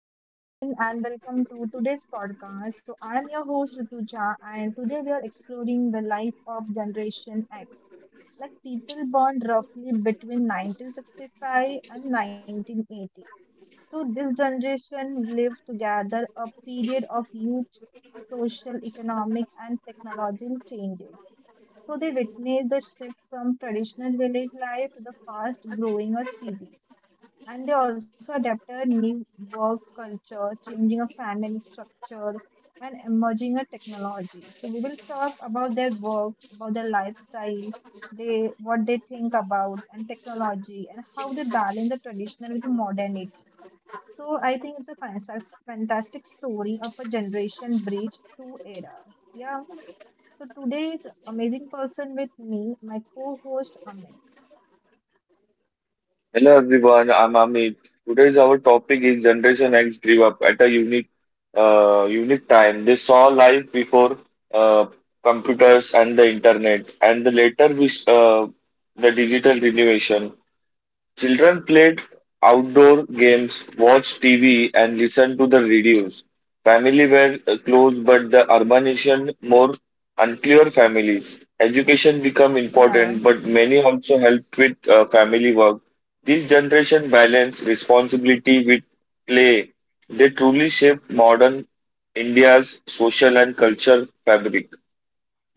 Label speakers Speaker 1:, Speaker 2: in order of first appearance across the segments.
Speaker 1: Hello everyone and welcome to today's podcast. So I am your host Rituja and today we are exploring the life of Generation X, like people born roughly between 1965 and 1980. So this generation lived together a period of huge social, economic, and technological changes. So they witnessed the shift from traditional village life to the fast-growing of cities. And they also adapted new work culture, changing of family structure, and emerging of technology. So we will talk about their work, about their lifestyle, they what they think about and technology and how they balance the traditional with the modernity. So I think it's a fantastic story of a generation bridge through era. Yeah. So today's amazing person with me, my co-host Amit.
Speaker 2: Hello everyone, I'm Amit. Today's our topic is Generation X grew up at a unique time. They saw life before uh, computers and the internet, and the later the digital renovation. Children played outdoor games, watched TV, and listened to the radios. Family were close, but the urbanization more unclear families. Education become important,
Speaker 1: Yeah.
Speaker 2: but many also helped with family work. This generation balance responsibility with play. They truly shape modern India's social and culture fabric.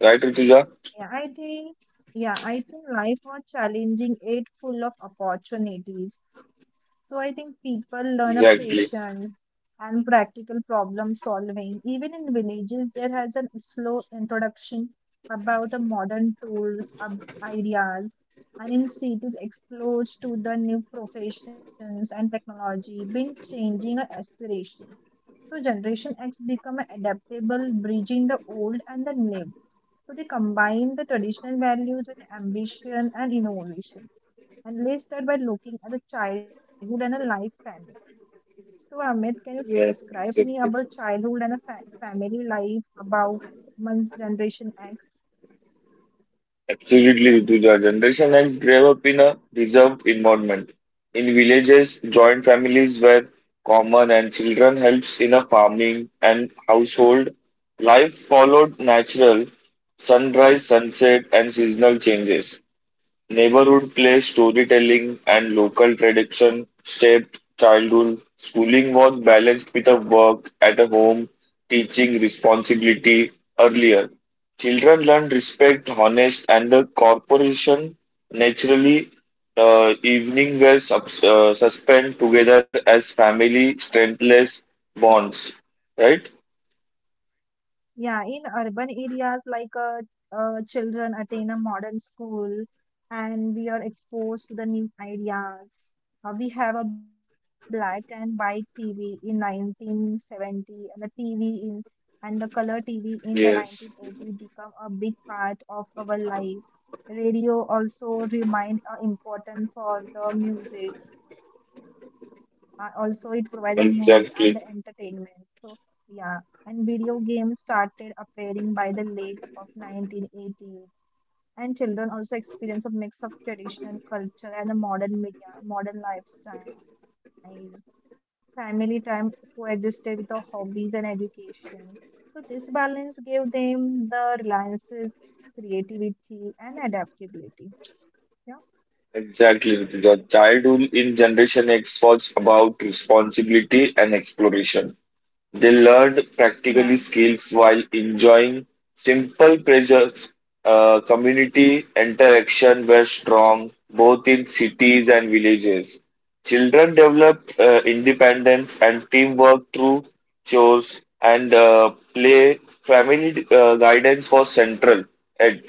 Speaker 2: Right, Rituja?
Speaker 1: Yeah, I think life was challenging, it full of opportunities. So I think people learn a
Speaker 2: Exactly.
Speaker 1: patience and practical problem solving. Even in villages, there has a slow introduction about the modern tools, ideas, and in cities, exposed to the new professions and technology, been changing our aspiration. So Generation X become adaptable, bridging the old and the new so they combine the traditional values with ambition and innovation, and let's start by looking at a childhood and a life family. So Amit, can you
Speaker 2: Yes,
Speaker 1: describe me about
Speaker 2: exactly.
Speaker 1: childhood and a family life about month's generation X?
Speaker 2: Absolutely, Rutuja. Generation X grew up in a reserved environment. In villages, joint families were common and children helps in a farming and household. Life followed natural sunrise, sunset and seasonal changes. Neighborhood play, storytelling, and local tradition shaped childhood. Schooling was balanced with a work at a home, teaching responsibility earlier. Children learn respect, honest, and the corporation naturally. Evening were suspend together as family strengthless bonds, right?
Speaker 1: Yeah, in urban areas, like children attend a modern school and we are exposed to the new ideas. We have a black and white TV in 1970 and the color TV in the
Speaker 2: Yes,
Speaker 1: 1980 become a big part of our life. Radio also remained important for the music, also, it provides the news and the entertainment.
Speaker 2: exactly.
Speaker 1: So, yeah, and video games started appearing by the late of 1980s, and children also experience a mix of traditional culture and the modern media, modern lifestyle. Family time coexisted with the hobbies and education. So this balance gave them the reliances, creativity, and adaptability. Yeah,
Speaker 2: Exactly. The childhood in Generation X was about responsibility and exploration. They learned
Speaker 1: yeah.
Speaker 2: practically skills while enjoying simple pleasures. Community interaction were strong both in cities and villages. Children developed independence and teamwork through chores and play. Family guidance was central at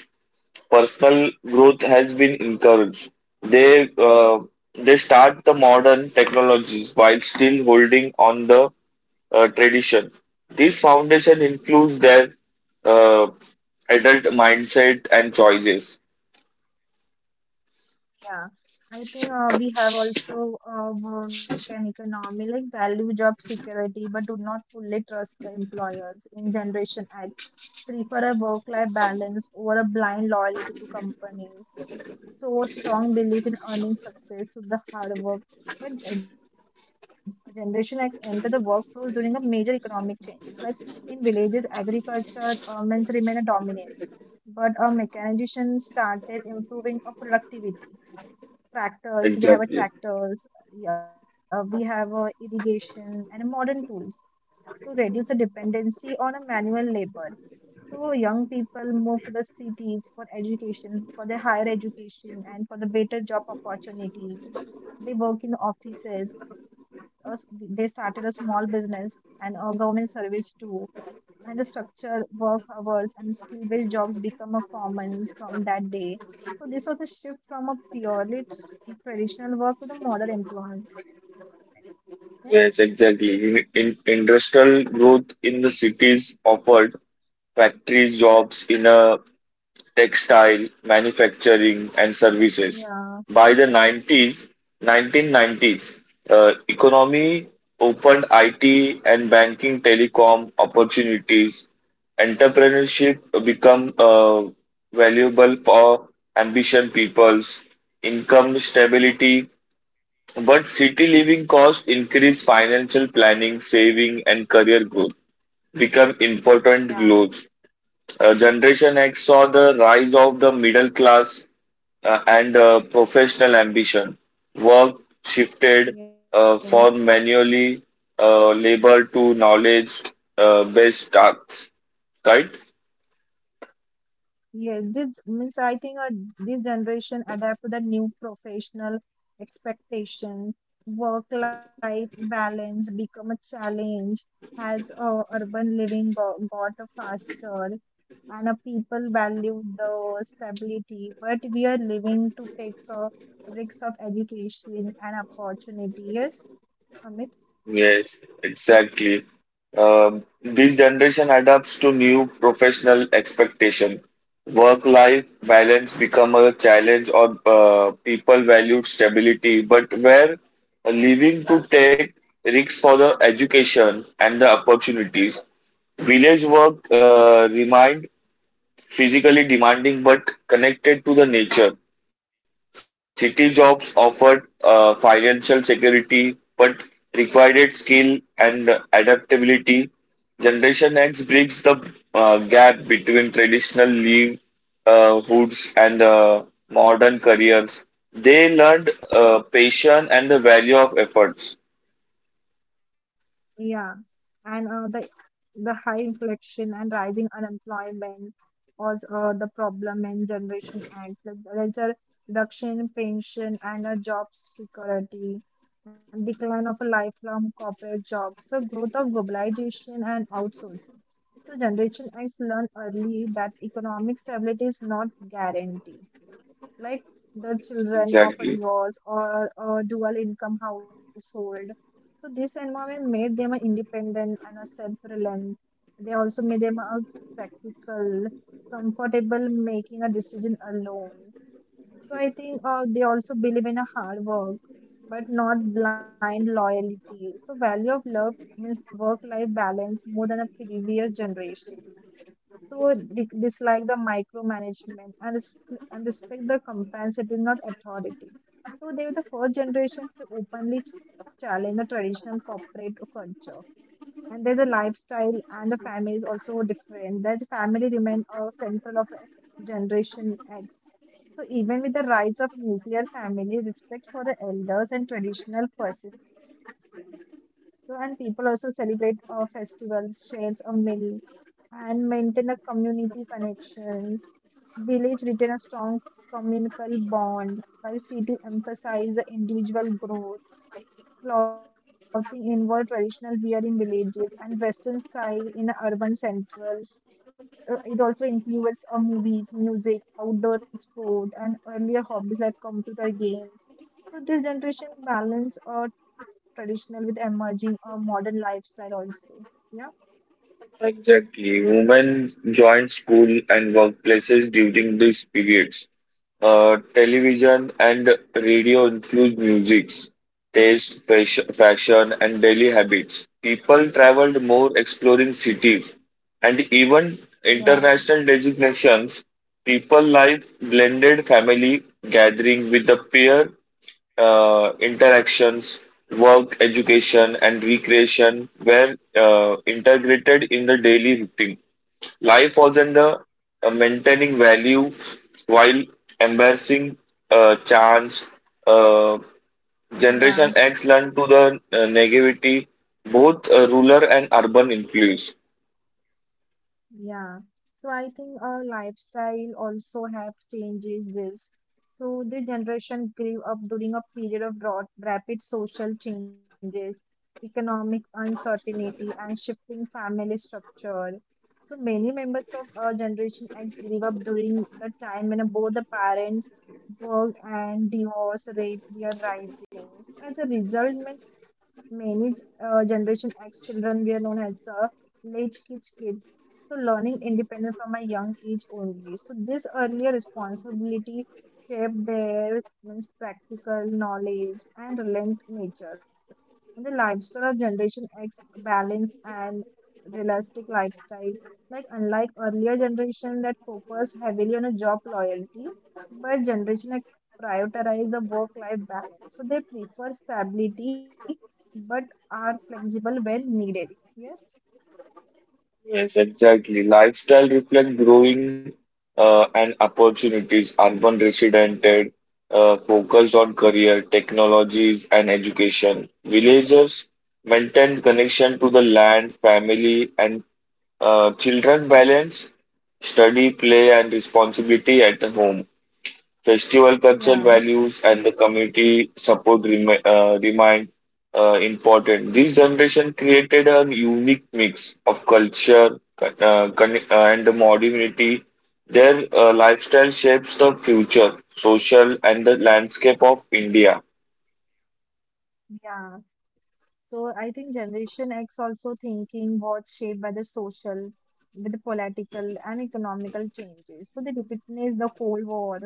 Speaker 2: personal growth has been encouraged. They uh, they start the modern technologies while still holding on the tradition. This foundation includes their uh, adult mindset and choices.
Speaker 1: Yeah, I think we have also work and economy like value job security, but do not fully trust the employers in Generation X. Prefer a work-life balance over a blind loyalty to companies. So strong belief in earning success through the hard work. But Generation X enter the workforce during a major economic changes. Like in villages, agriculture, men's remain a dominant, but mechanization started improving productivity tractors, we have a
Speaker 2: Exactly.
Speaker 1: tractors, yeah, we have a irrigation and a modern tools. So reduce the dependency on a manual labor. So young people move to the cities for education, for their higher education and for the better job opportunities. They work in offices or they started a small business and government service too and the structure, work hours, and skill based jobs become a common from that day. So, this was a shift from a purely traditional work to the modern employment. Yes?
Speaker 2: Yes, exactly. In industrial growth in the cities offered factory jobs in a textile, manufacturing, and services.
Speaker 1: Yeah,
Speaker 2: By the 1990s, economy opened IT and banking, telecom opportunities. Entrepreneurship become valuable for ambition peoples, income stability. But city living costs increase financial planning, saving, and career growth become important
Speaker 1: yeah,
Speaker 2: goals. Generation X saw the rise of the middle class and professional ambition. Work shifted
Speaker 1: yes,
Speaker 2: from manually labor to knowledge based tasks, right?
Speaker 1: yes. This means I think this generation adapt to the new professional expectation. Work-life balance become a challenge as urban living go got faster. And a people value the stability, but we are living to take risks of education and opportunity. Yes, Amit?
Speaker 2: Yes, exactly. This generation adapts to new professional expectation. Work-life balance become a challenge, or people valued stability, but were leaving to take risks for the education and the opportunities. Village work remained physically demanding but connected to the nature. City jobs offered financial security but required skill and adaptability. Generation X bridges the gap between traditional livelihoods hoods and modern careers. They learned patience and the value of efforts.
Speaker 1: Yeah. And the high inflation and rising unemployment was the problem in Generation Act. Like there's a reduction in pension and a job security, and decline of a lifelong corporate jobs, the growth of globalization and outsourcing. So Generation X learned early that economic stability is not guaranteed, like the children of
Speaker 2: Exactly.
Speaker 1: a divorce or a dual income household. So this environment made them a independent and a self-reliant. They also made them a practical, comfortable making a decision alone. So I think they also believe in a hard work, but not blind loyalty. So value of love means work-life balance more than a previous generation. So dislike the micromanagement, and respect the compensating, not authority. So they were the first generation to openly challenge the traditional corporate culture. And there's a lifestyle and the family is also different. There's family remain central of a generation X. So even with the rise of nuclear family, respect for the elders and traditional persistent. So, and people also celebrate festivals, shares a meal, and maintain a community connections. Village retain a strong communal bond, while city emphasize the individual growth. Clothing involve traditional wear in villages and Western style in urban central. So it also includes movies, music, outdoor sport, and earlier hobbies like computer games. So this generation balance traditional with emerging modern lifestyle also. Yeah.
Speaker 2: Exactly. Women joined school and workplaces during these periods. Television and radio influenced music, taste, fashion, and daily habits. People traveled more exploring cities and even
Speaker 1: Yeah,
Speaker 2: international legislations. People life blended family gathering with the peer interactions, work, education, and recreation were integrated in the daily routine. Life was under maintaining value while embracing chance. Uh,
Speaker 1: yeah.
Speaker 2: Generation X learned to the negativity both rural and urban influence.
Speaker 1: Yeah, so I think our lifestyle also have changes this. So the generation grew up during a period of broad, rapid social changes, economic uncertainty, and shifting family structure. So many members of our generation X grew up during the time when both the parents work and divorce rate were rising. So as a result, means many generation X children were known as the late kids, so learning independence from a young age only, so this earlier responsibility shaped their means practical knowledge and relent nature, and the lifestyle of generation x balance and realistic lifestyle, like unlike earlier generation that focus heavily on a job loyalty, but generation x prioritize the work life balance, so they prefer stability but are flexible when needed, yes.
Speaker 2: Yes, exactly. Lifestyle reflect growing and opportunities, urban residents focused on career, technologies, and education. Villagers maintain connection to the land, family, and children balance study, play, and responsibility at the home. Festival cultural
Speaker 1: Yeah,
Speaker 2: values and the community support remain important. This generation created a unique mix of culture and modernity. Their lifestyle shapes the future, social, and the landscape of India.
Speaker 1: yeah. So I think Generation X also thinking was shaped by the social, with the political and economical changes. So they witnessed the Cold War,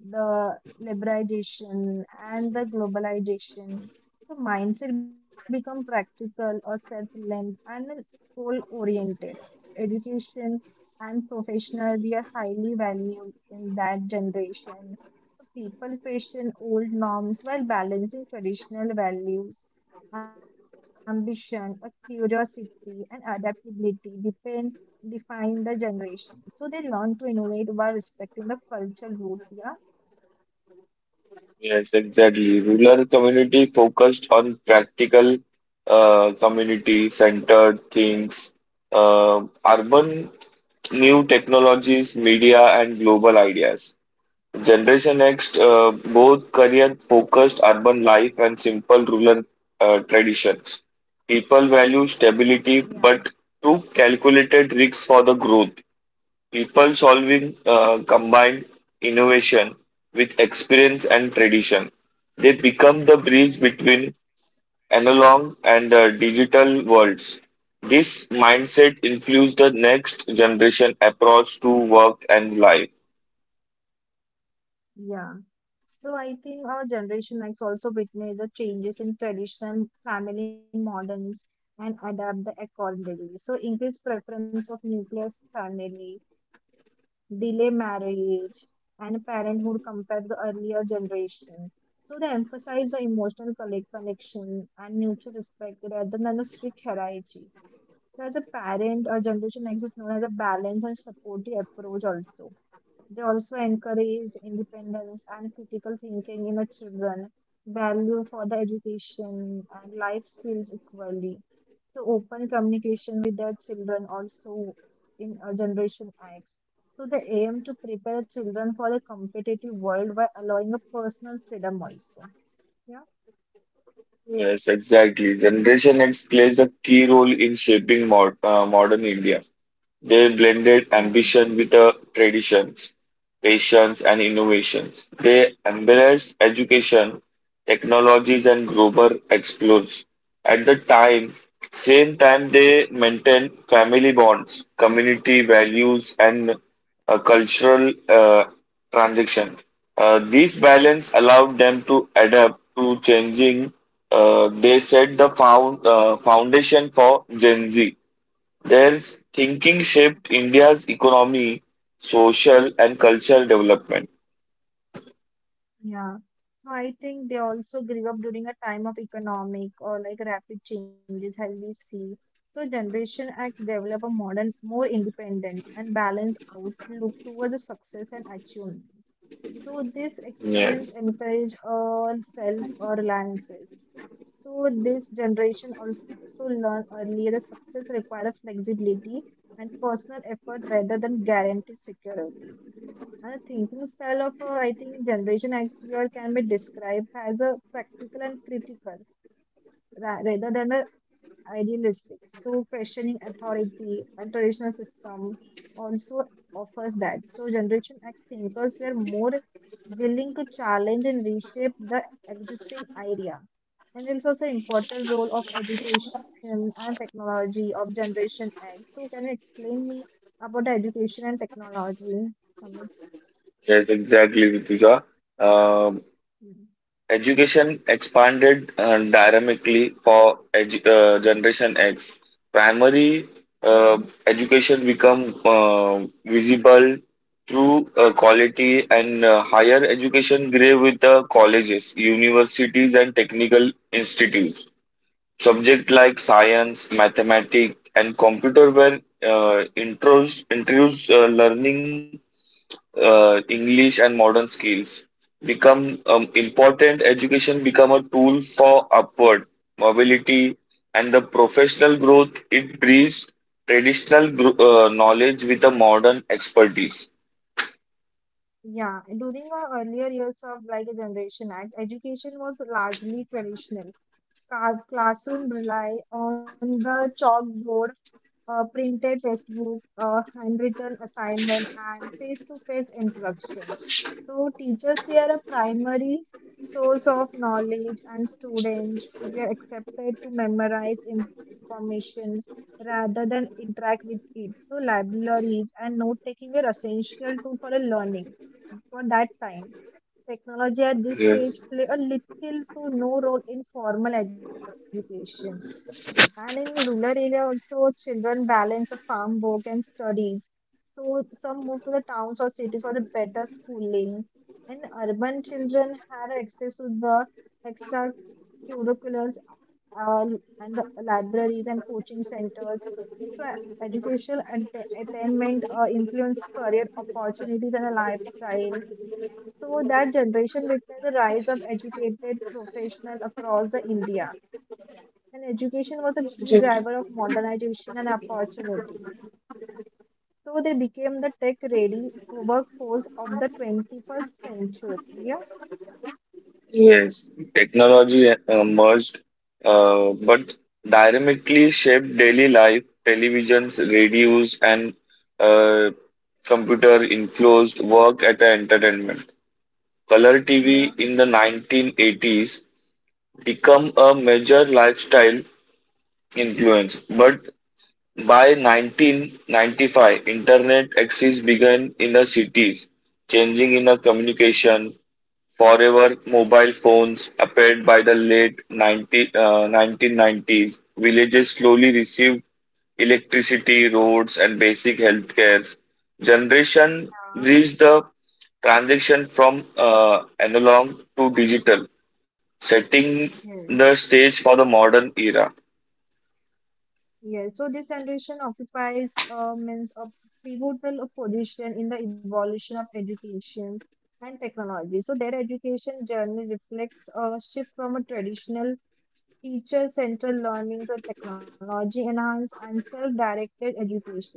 Speaker 1: the liberalization and the globalization. So mindset become practical or self-led and goal-oriented. Education and professional we are highly valued in that generation. So people question old norms while balancing traditional values, ambition, a curiosity, and adaptability depend define the generation. So they learn to innovate while respecting the cultural root. Yeah.
Speaker 2: Yes, exactly. Rural community focused on practical, community centered things. Urban new technologies, media, and global ideas. Generation Next, both career focused urban life and simple rural traditions. People value
Speaker 1: Yeah,
Speaker 2: stability but took calculated risks for the growth. People solving combined innovation with experience and tradition. They become the bridge
Speaker 1: yes,
Speaker 2: between analog and digital worlds. This mindset influenced the next generation approach to work and life.
Speaker 1: yeah. So I think our Generation X also witnessed the changes in traditional family models and adapt the accordingly. So increased preference of nuclear family, delay marriage, and parenthood compared to earlier generation. So they emphasize the emotional connection and mutual respect rather than a strict hierarchy. So, as a parent, our generation X is known as a balanced and supportive approach, also. They also encourage independence and critical thinking in our children, value for the education and life skills equally. So, open communication with their children also in our generation acts. So, they aim to prepare children for a competitive world by allowing a personal freedom also. Yeah.
Speaker 2: Yes, exactly. Generation X plays a key role in shaping modern India. They blended
Speaker 1: Yeah.
Speaker 2: ambition with traditions, patience, and innovations. They embraced education, technologies, and global explores. At the time, same time they maintained family bonds, community values, and cultural transaction. This balance allowed them to adapt to changing. They set the foundation for Gen Z their thinking shaped India's economy, social, and cultural development.
Speaker 1: Yeah. So I think they also grew up during a time of economic or like rapid changes as we see. So Generation X develop a modern, more independent and balanced outlook towards the success and achievement. So this
Speaker 2: Yes,
Speaker 1: experience encourage all self-reliances. So this generation also learned earlier that success requires flexibility and personal effort rather than guaranteed security. And the thinking style of, I think, Generation X viewer can be described as a practical and critical rather than a idealistic. So, questioning authority and traditional system also offers that. So, Generation X thinkers were more willing to challenge and reshape the existing idea. And it's also important role of education and technology of Generation X. So, can you explain me about the education and technology, Amit?
Speaker 2: yes, exactly, Rituja. Um, Education expanded dynamically for Generation X. Primary
Speaker 1: Yeah,
Speaker 2: uh, education become visible through quality, and higher education grew with the colleges, universities, and technical institutes. Subjects like science, mathematics, and computer were uh, introduced learning English and modern skills become important. Education become a tool for upward mobility and the professional growth. It brings traditional knowledge with a modern expertise.
Speaker 1: yeah. During our earlier years of like a generation act, education was largely traditional. Classroom rely on the chalkboard, printed textbook, handwritten assignment, and face-to-face interaction. So teachers were a primary source of knowledge, and students were accepted to memorize information rather than interact with it. So libraries and note taking were essential tool for a learning for that time. Technology at this stage play a little to no role in formal education. And in rural area also children balance of farm work and studies. So some move to the towns or cities for the better schooling. And urban children had access to the extra curriculars, uh, and the libraries and coaching centers. So educational attainment influence career opportunities and a lifestyle, so that generation witnessed the rise of educated professionals across the India. And education was a key driver of modernization and opportunity. So they became the tech ready workforce of the 21st century. Yeah.
Speaker 2: Yes, technology merged, but dynamically shaped daily life. Televisions, radios, and uh, computer influenced work at a entertainment. Color
Speaker 1: Yeah,
Speaker 2: TV in the 1980s become a major lifestyle influence, but by 1995, internet access began in the cities, changing in the communication. Forever mobile phones appeared by the late 1990s. Villages slowly received electricity, roads, and basic healthcare. Generation
Speaker 1: yeah,
Speaker 2: reached the transition from analog to digital, setting the
Speaker 1: yes,
Speaker 2: stage for the modern era.
Speaker 1: yes. So this generation occupies, means, a pivotal position in the evolution of education and technology. So their education journey reflects a shift from a traditional teacher centered learning to technology enhanced and self directed education.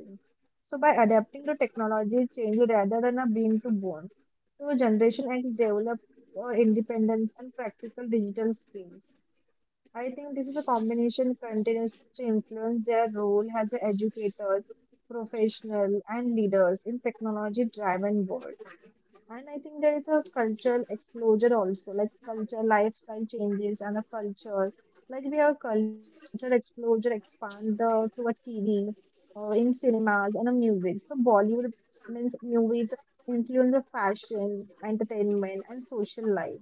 Speaker 1: So, by adapting to technology change rather than a bean to bone, so Generation X develop for independence and practical digital skills. I think this is a combination continues to influence their role as educators, professionals, and leaders in technology driven world. And I think there is a cultural explosion also, like culture, lifestyle changes, and a culture. Like we have culture explosion expand the, through a TV, in cinemas and in music. So Bollywood means movies influence the fashion, entertainment, and social life.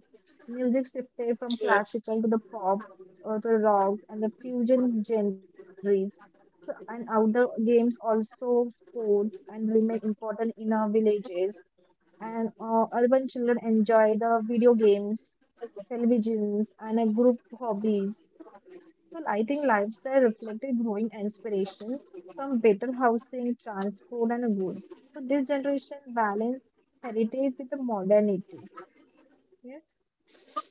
Speaker 1: Music shifted from classical to the pop or the rock and the fusion genres. So, and outdoor games also sports and remain important in our villages and urban children enjoy the video games, televisions, and a group hobbies. So I think lifestyle reflected growing inspiration from better housing, transport, and goods. So this generation balanced heritage with the modernity. Yes.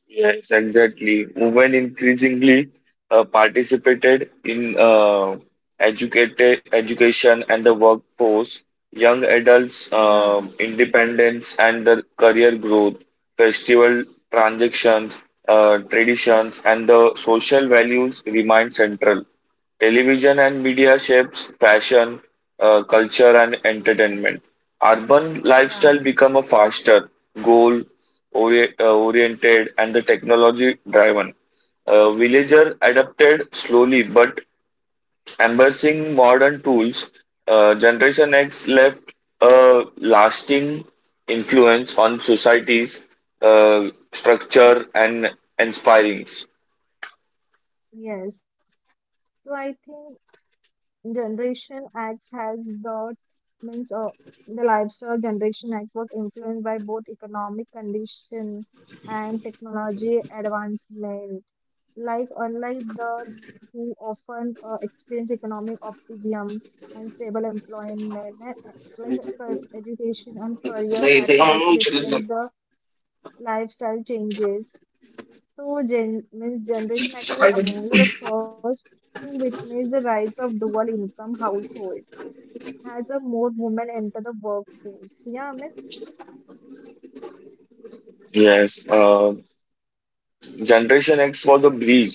Speaker 2: Yes, exactly. Women increasingly participated in educated education and the workforce. Young adults,
Speaker 1: Yeah.
Speaker 2: independence and the career growth, festival transactions, traditions, and the social values remain central. Television and media shapes fashion, culture, and entertainment. Urban
Speaker 1: Yeah.
Speaker 2: lifestyle become a faster, goal oriented, and the technology driven. Villager adapted slowly but embracing modern tools. Generation X left a lasting influence on society's structure and inspirings.
Speaker 1: Yes. So I think Generation Acts has the means the lifestyle Generation Acts was influenced by both economic condition and technology advancement. Like unlike the who often experience economic optimism and stable employment, and, uh, like education and career pattern also reflects the lifestyle changes. So, gen- means Generation X were amongst the first to witness the rise of dual income household as a more women enter the workforce. Yeah, Amit?
Speaker 2: Yes. Generation X was a bridge,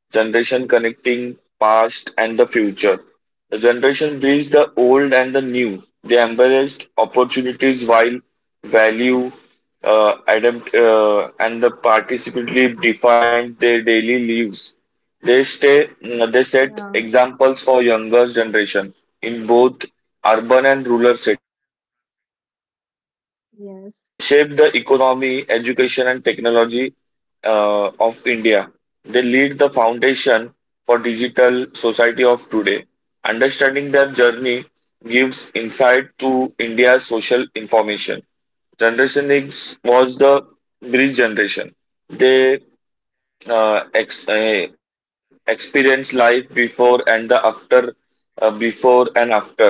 Speaker 2: generation connecting past and the future. The generation bridged the old and the new. They embraced opportunities while value, adapt, and the participatory defined their daily lives. They
Speaker 1: Yeah,
Speaker 2: set examples for younger generation in both urban and rural setting. Generation
Speaker 1: yes.
Speaker 2: shaped the economy, education, and technology of India. They lead the foundation for digital society of today. Understanding their journey gives insight to India's social information. Generation X was the bridge generation. They experience life before and after.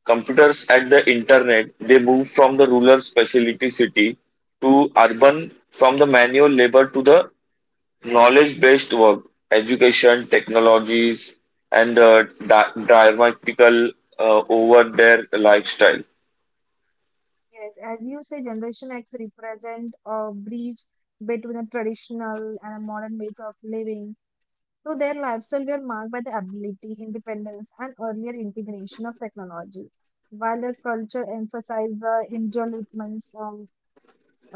Speaker 2: Computers and the internet, they move from the rural specialty city to urban from the manual labor to the knowledge based work, education, technologies, and dramatical over their lifestyle.
Speaker 1: Yes, as you say, Generation X represent a breach between a traditional and a modern ways of living. So their lifestyle were marked by the ability, independence, and earlier integration of technology. While their culture emphasized the individual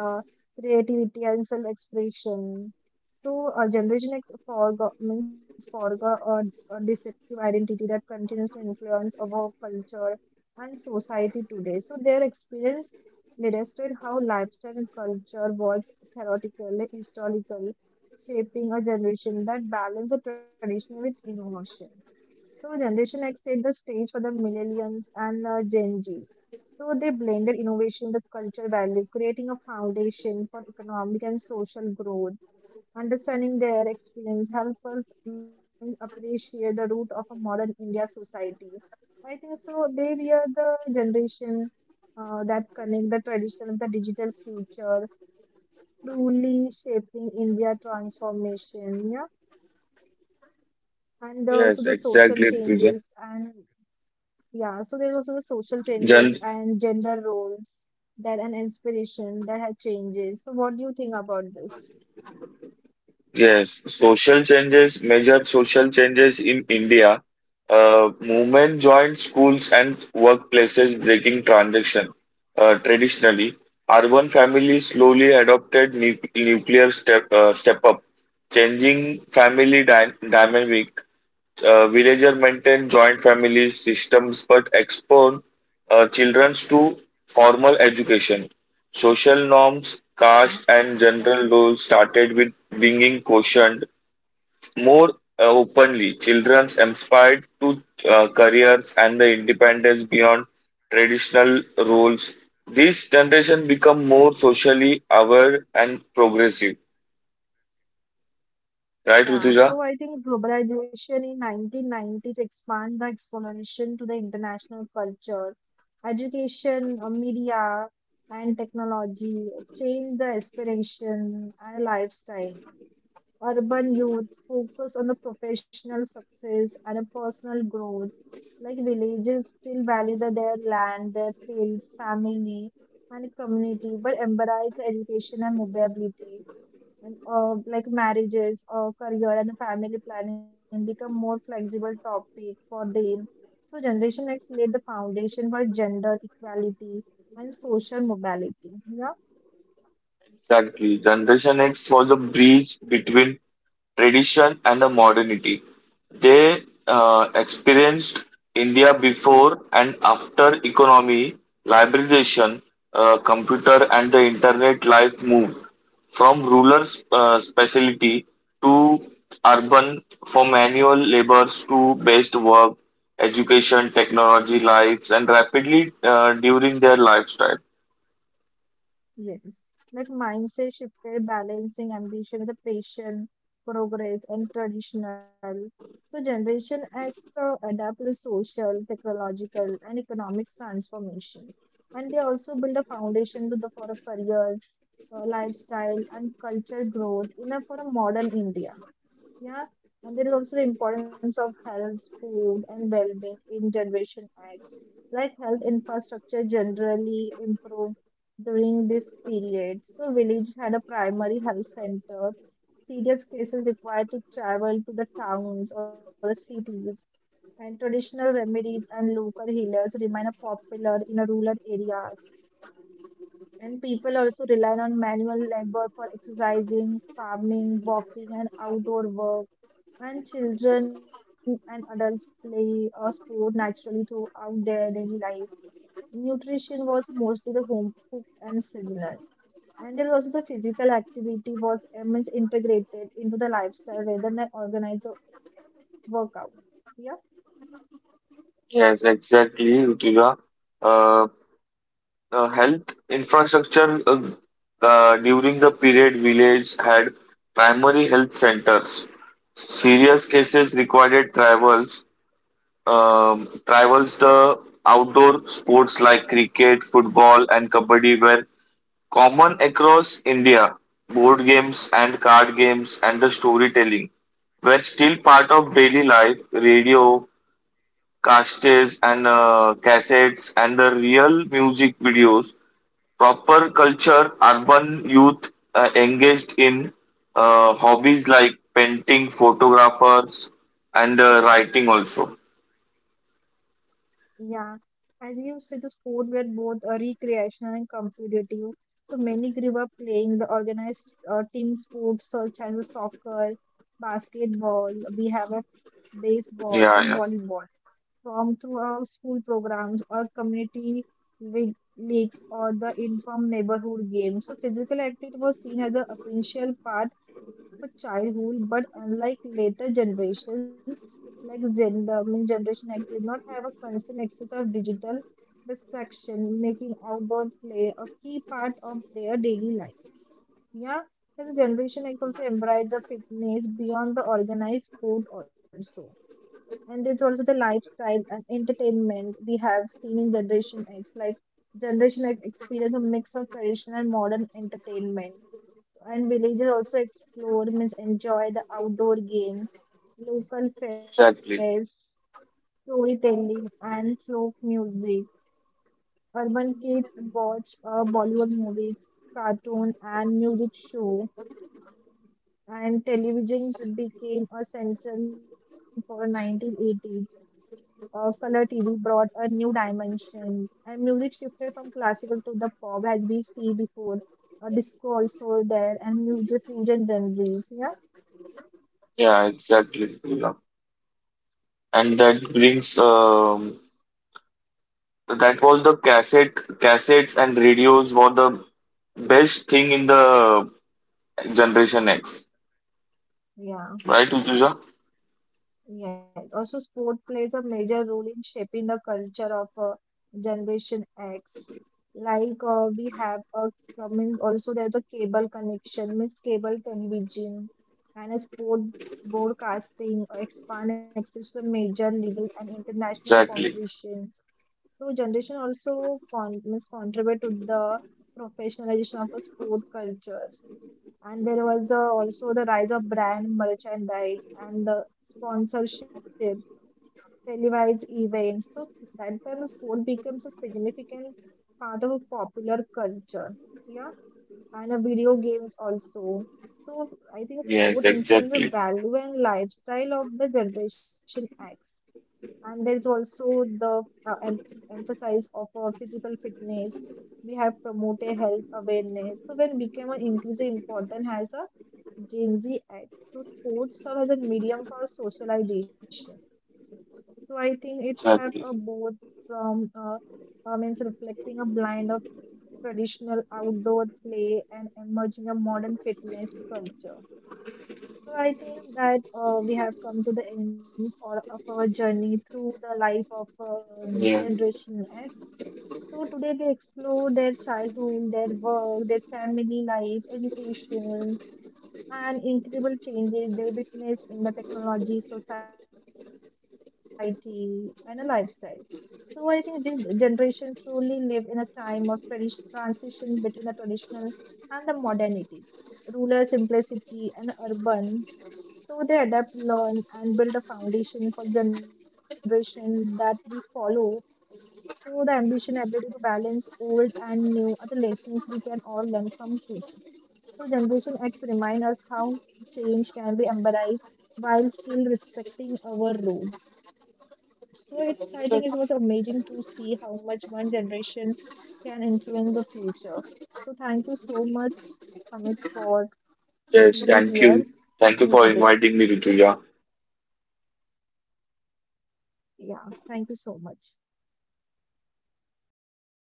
Speaker 1: uh, creativity and self-expression. So, Generation X forgot a deceptive identity that continues to influence our culture and society today. So, their experience illustrated how lifestyle and culture was theoretical, historical, shaping a generation that balanced the tradition with innovation. So, Generation X set the stage for the millennials and Gen Zs so they blended innovation with cultural value, creating a foundation for economic and social growth. Understanding their experience help us means appreciate the root of a modern India society. I think so. They we are the generation that connect the traditional with the digital future, truly shaping India transformation. Yeah, and also the
Speaker 2: Yes,
Speaker 1: social
Speaker 2: exactly,
Speaker 1: changes
Speaker 2: Pooja.
Speaker 1: and yeah, so there's also the social
Speaker 2: Jan-
Speaker 1: changes and gender roles that an inspiration that had changes. So what do you think about this?
Speaker 2: yes, social changes, major social changes in India. Movement joined schools and workplaces, breaking transaction. Traditionally, urban families slowly adopted nuclear step up, changing family dynamic villager maintain joint family systems but expose children to formal education. Social norms,
Speaker 1: Yeah,
Speaker 2: caste, and general rules started with being questioned more openly. Children aspired to careers and the independence beyond traditional roles. This generation become more socially aware and progressive.
Speaker 1: yeah.
Speaker 2: Right,
Speaker 1: So I
Speaker 2: Rutuja?
Speaker 1: think globalization in 1990s expand the exploration to the international culture, education, media, and technology, change the aspiration and lifestyle. Urban youth focus on the professional success and a personal growth. Like villages still their land, their fields, family, and community, but embrace education and mobility. And like marriages, or career, and family planning become more flexible topic for them. So Generation X laid the foundation for gender equality and social mobility. Yeah.
Speaker 2: Exactly. Generation X was a bridge between tradition and the modernity. They experienced India before and after economy, liberalization, computer and the internet life moved from rural specialty to urban for manual labors to based work, education, technology lives and rapidly during their lifestyle.
Speaker 1: Yes. Like mindset shifted, balancing ambition with passion, progress, and traditional. So Generation X adapt to social, technological, and economic transformation. And they also build a foundation to the for a career, lifestyle, and culture growth in a for a modern India. Yeah, and there is also the importance of health, food, and well-being in Generation X. Like health infrastructure generally improved during this period. So villages had a primary health center. Serious cases required to travel to the towns or the cities. And traditional remedies and local healers remain a popular in a rural areas. And people also rely on manual labor for exercising, farming, walking, and outdoor work and children and adults play a sport naturally throughout their daily life. Nutrition was mostly the home cooked and seasonal. And then also the physical activity was immense integrated into the lifestyle rather than organized workout. Yeah.
Speaker 2: Yes, exactly, Rutuja. Uh, Health infrastructure during the period village had primary health centers. Serious cases required travels, travels the outdoor sports like cricket, football, and kabaddi were common across India. Board games and card games and the storytelling were still part of daily life. Radio, cassettes and cassettes and the real music videos. Proper culture, urban youth engaged in hobbies like painting, photographers, and writing also.
Speaker 1: Yeah, as you see, the sport were both recreational and competitive. So many grew up playing the organized team sports such as a soccer, basketball. We have a baseball and
Speaker 2: Yeah, yeah,
Speaker 1: volleyball from through our school programs or community leagues or the inform neighborhood games. So physical activity was seen as an essential part for childhood, but unlike later generations, like Generation X, did not have a constant access of digital distraction, making outdoor play a key part of their daily life. Yeah, and Generation X also embraced the fitness beyond the organized sport also and it's also the lifestyle and entertainment we have seen in generation x like generation x experience a mix of traditional and modern entertainment so, and villagers also explore means enjoy the outdoor games, local fairs,
Speaker 2: exactly.
Speaker 1: storytelling and folk music. Urban kids watch bollywood movies, cartoon and music show, and televisions became a central for 1980s. Color TV brought a new dimension, and music shifted from classical to the pop as we see before. Disco also there, and music fusion genres. Yeah,
Speaker 2: Yeah, exactly. Yeah. And that brings that was the cassettes and radios were the best thing in the generation X,
Speaker 1: yeah,
Speaker 2: right, Utuja?
Speaker 1: yeah. Also, sport plays a major role in shaping the culture of Generation X. Like we have a coming also there's a cable connection, means cable television, and a sport broadcasting expand access to major legal and international
Speaker 2: Exactly.
Speaker 1: competition. So generation also con- means contribute to the professionalization of a sport culture. And there was also the rise of brand merchandise and the sponsorships, televised events. So that when sport becomes a significant part of a popular culture. Yeah. And video games also. So I think
Speaker 2: Yes,
Speaker 1: sport influences the
Speaker 2: exactly.
Speaker 1: value and lifestyle of the generation X and there is also the uh, em- emphasis of physical fitness we have promoted health awareness so when became an increasing important as a gen z x so sports serve as a medium for socialization so I think it's have a
Speaker 2: Exactly.
Speaker 1: both from means reflecting a blend of traditional outdoor play and emerging a modern fitness culture so I think that we have come to the end or of our journey through the life of
Speaker 2: Yeah.
Speaker 1: Generation X. So today we explored their childhood, their work, their family life, education, and incredible changes they witnessed in the technology, society, and a lifestyle. So I think this generation truly lived in a time of transition between the traditional and the modernity, rural simplicity and urban so they adapt, learn, and build a foundation for generation that we follow through the ambition ability to balance old and new are the lessons we can all learn from tools. So Generation X remind us how change can be embraced while still respecting our roots. So it's I think it was amazing to see how much one generation can influence the future. So thank you so much, Amit, for being here
Speaker 2: Yes.
Speaker 1: with
Speaker 2: Thank
Speaker 1: me
Speaker 2: you.
Speaker 1: today.
Speaker 2: Thank you for inviting me, Rituja.
Speaker 1: Yeah, thank you so much. 好嘞，好嘞。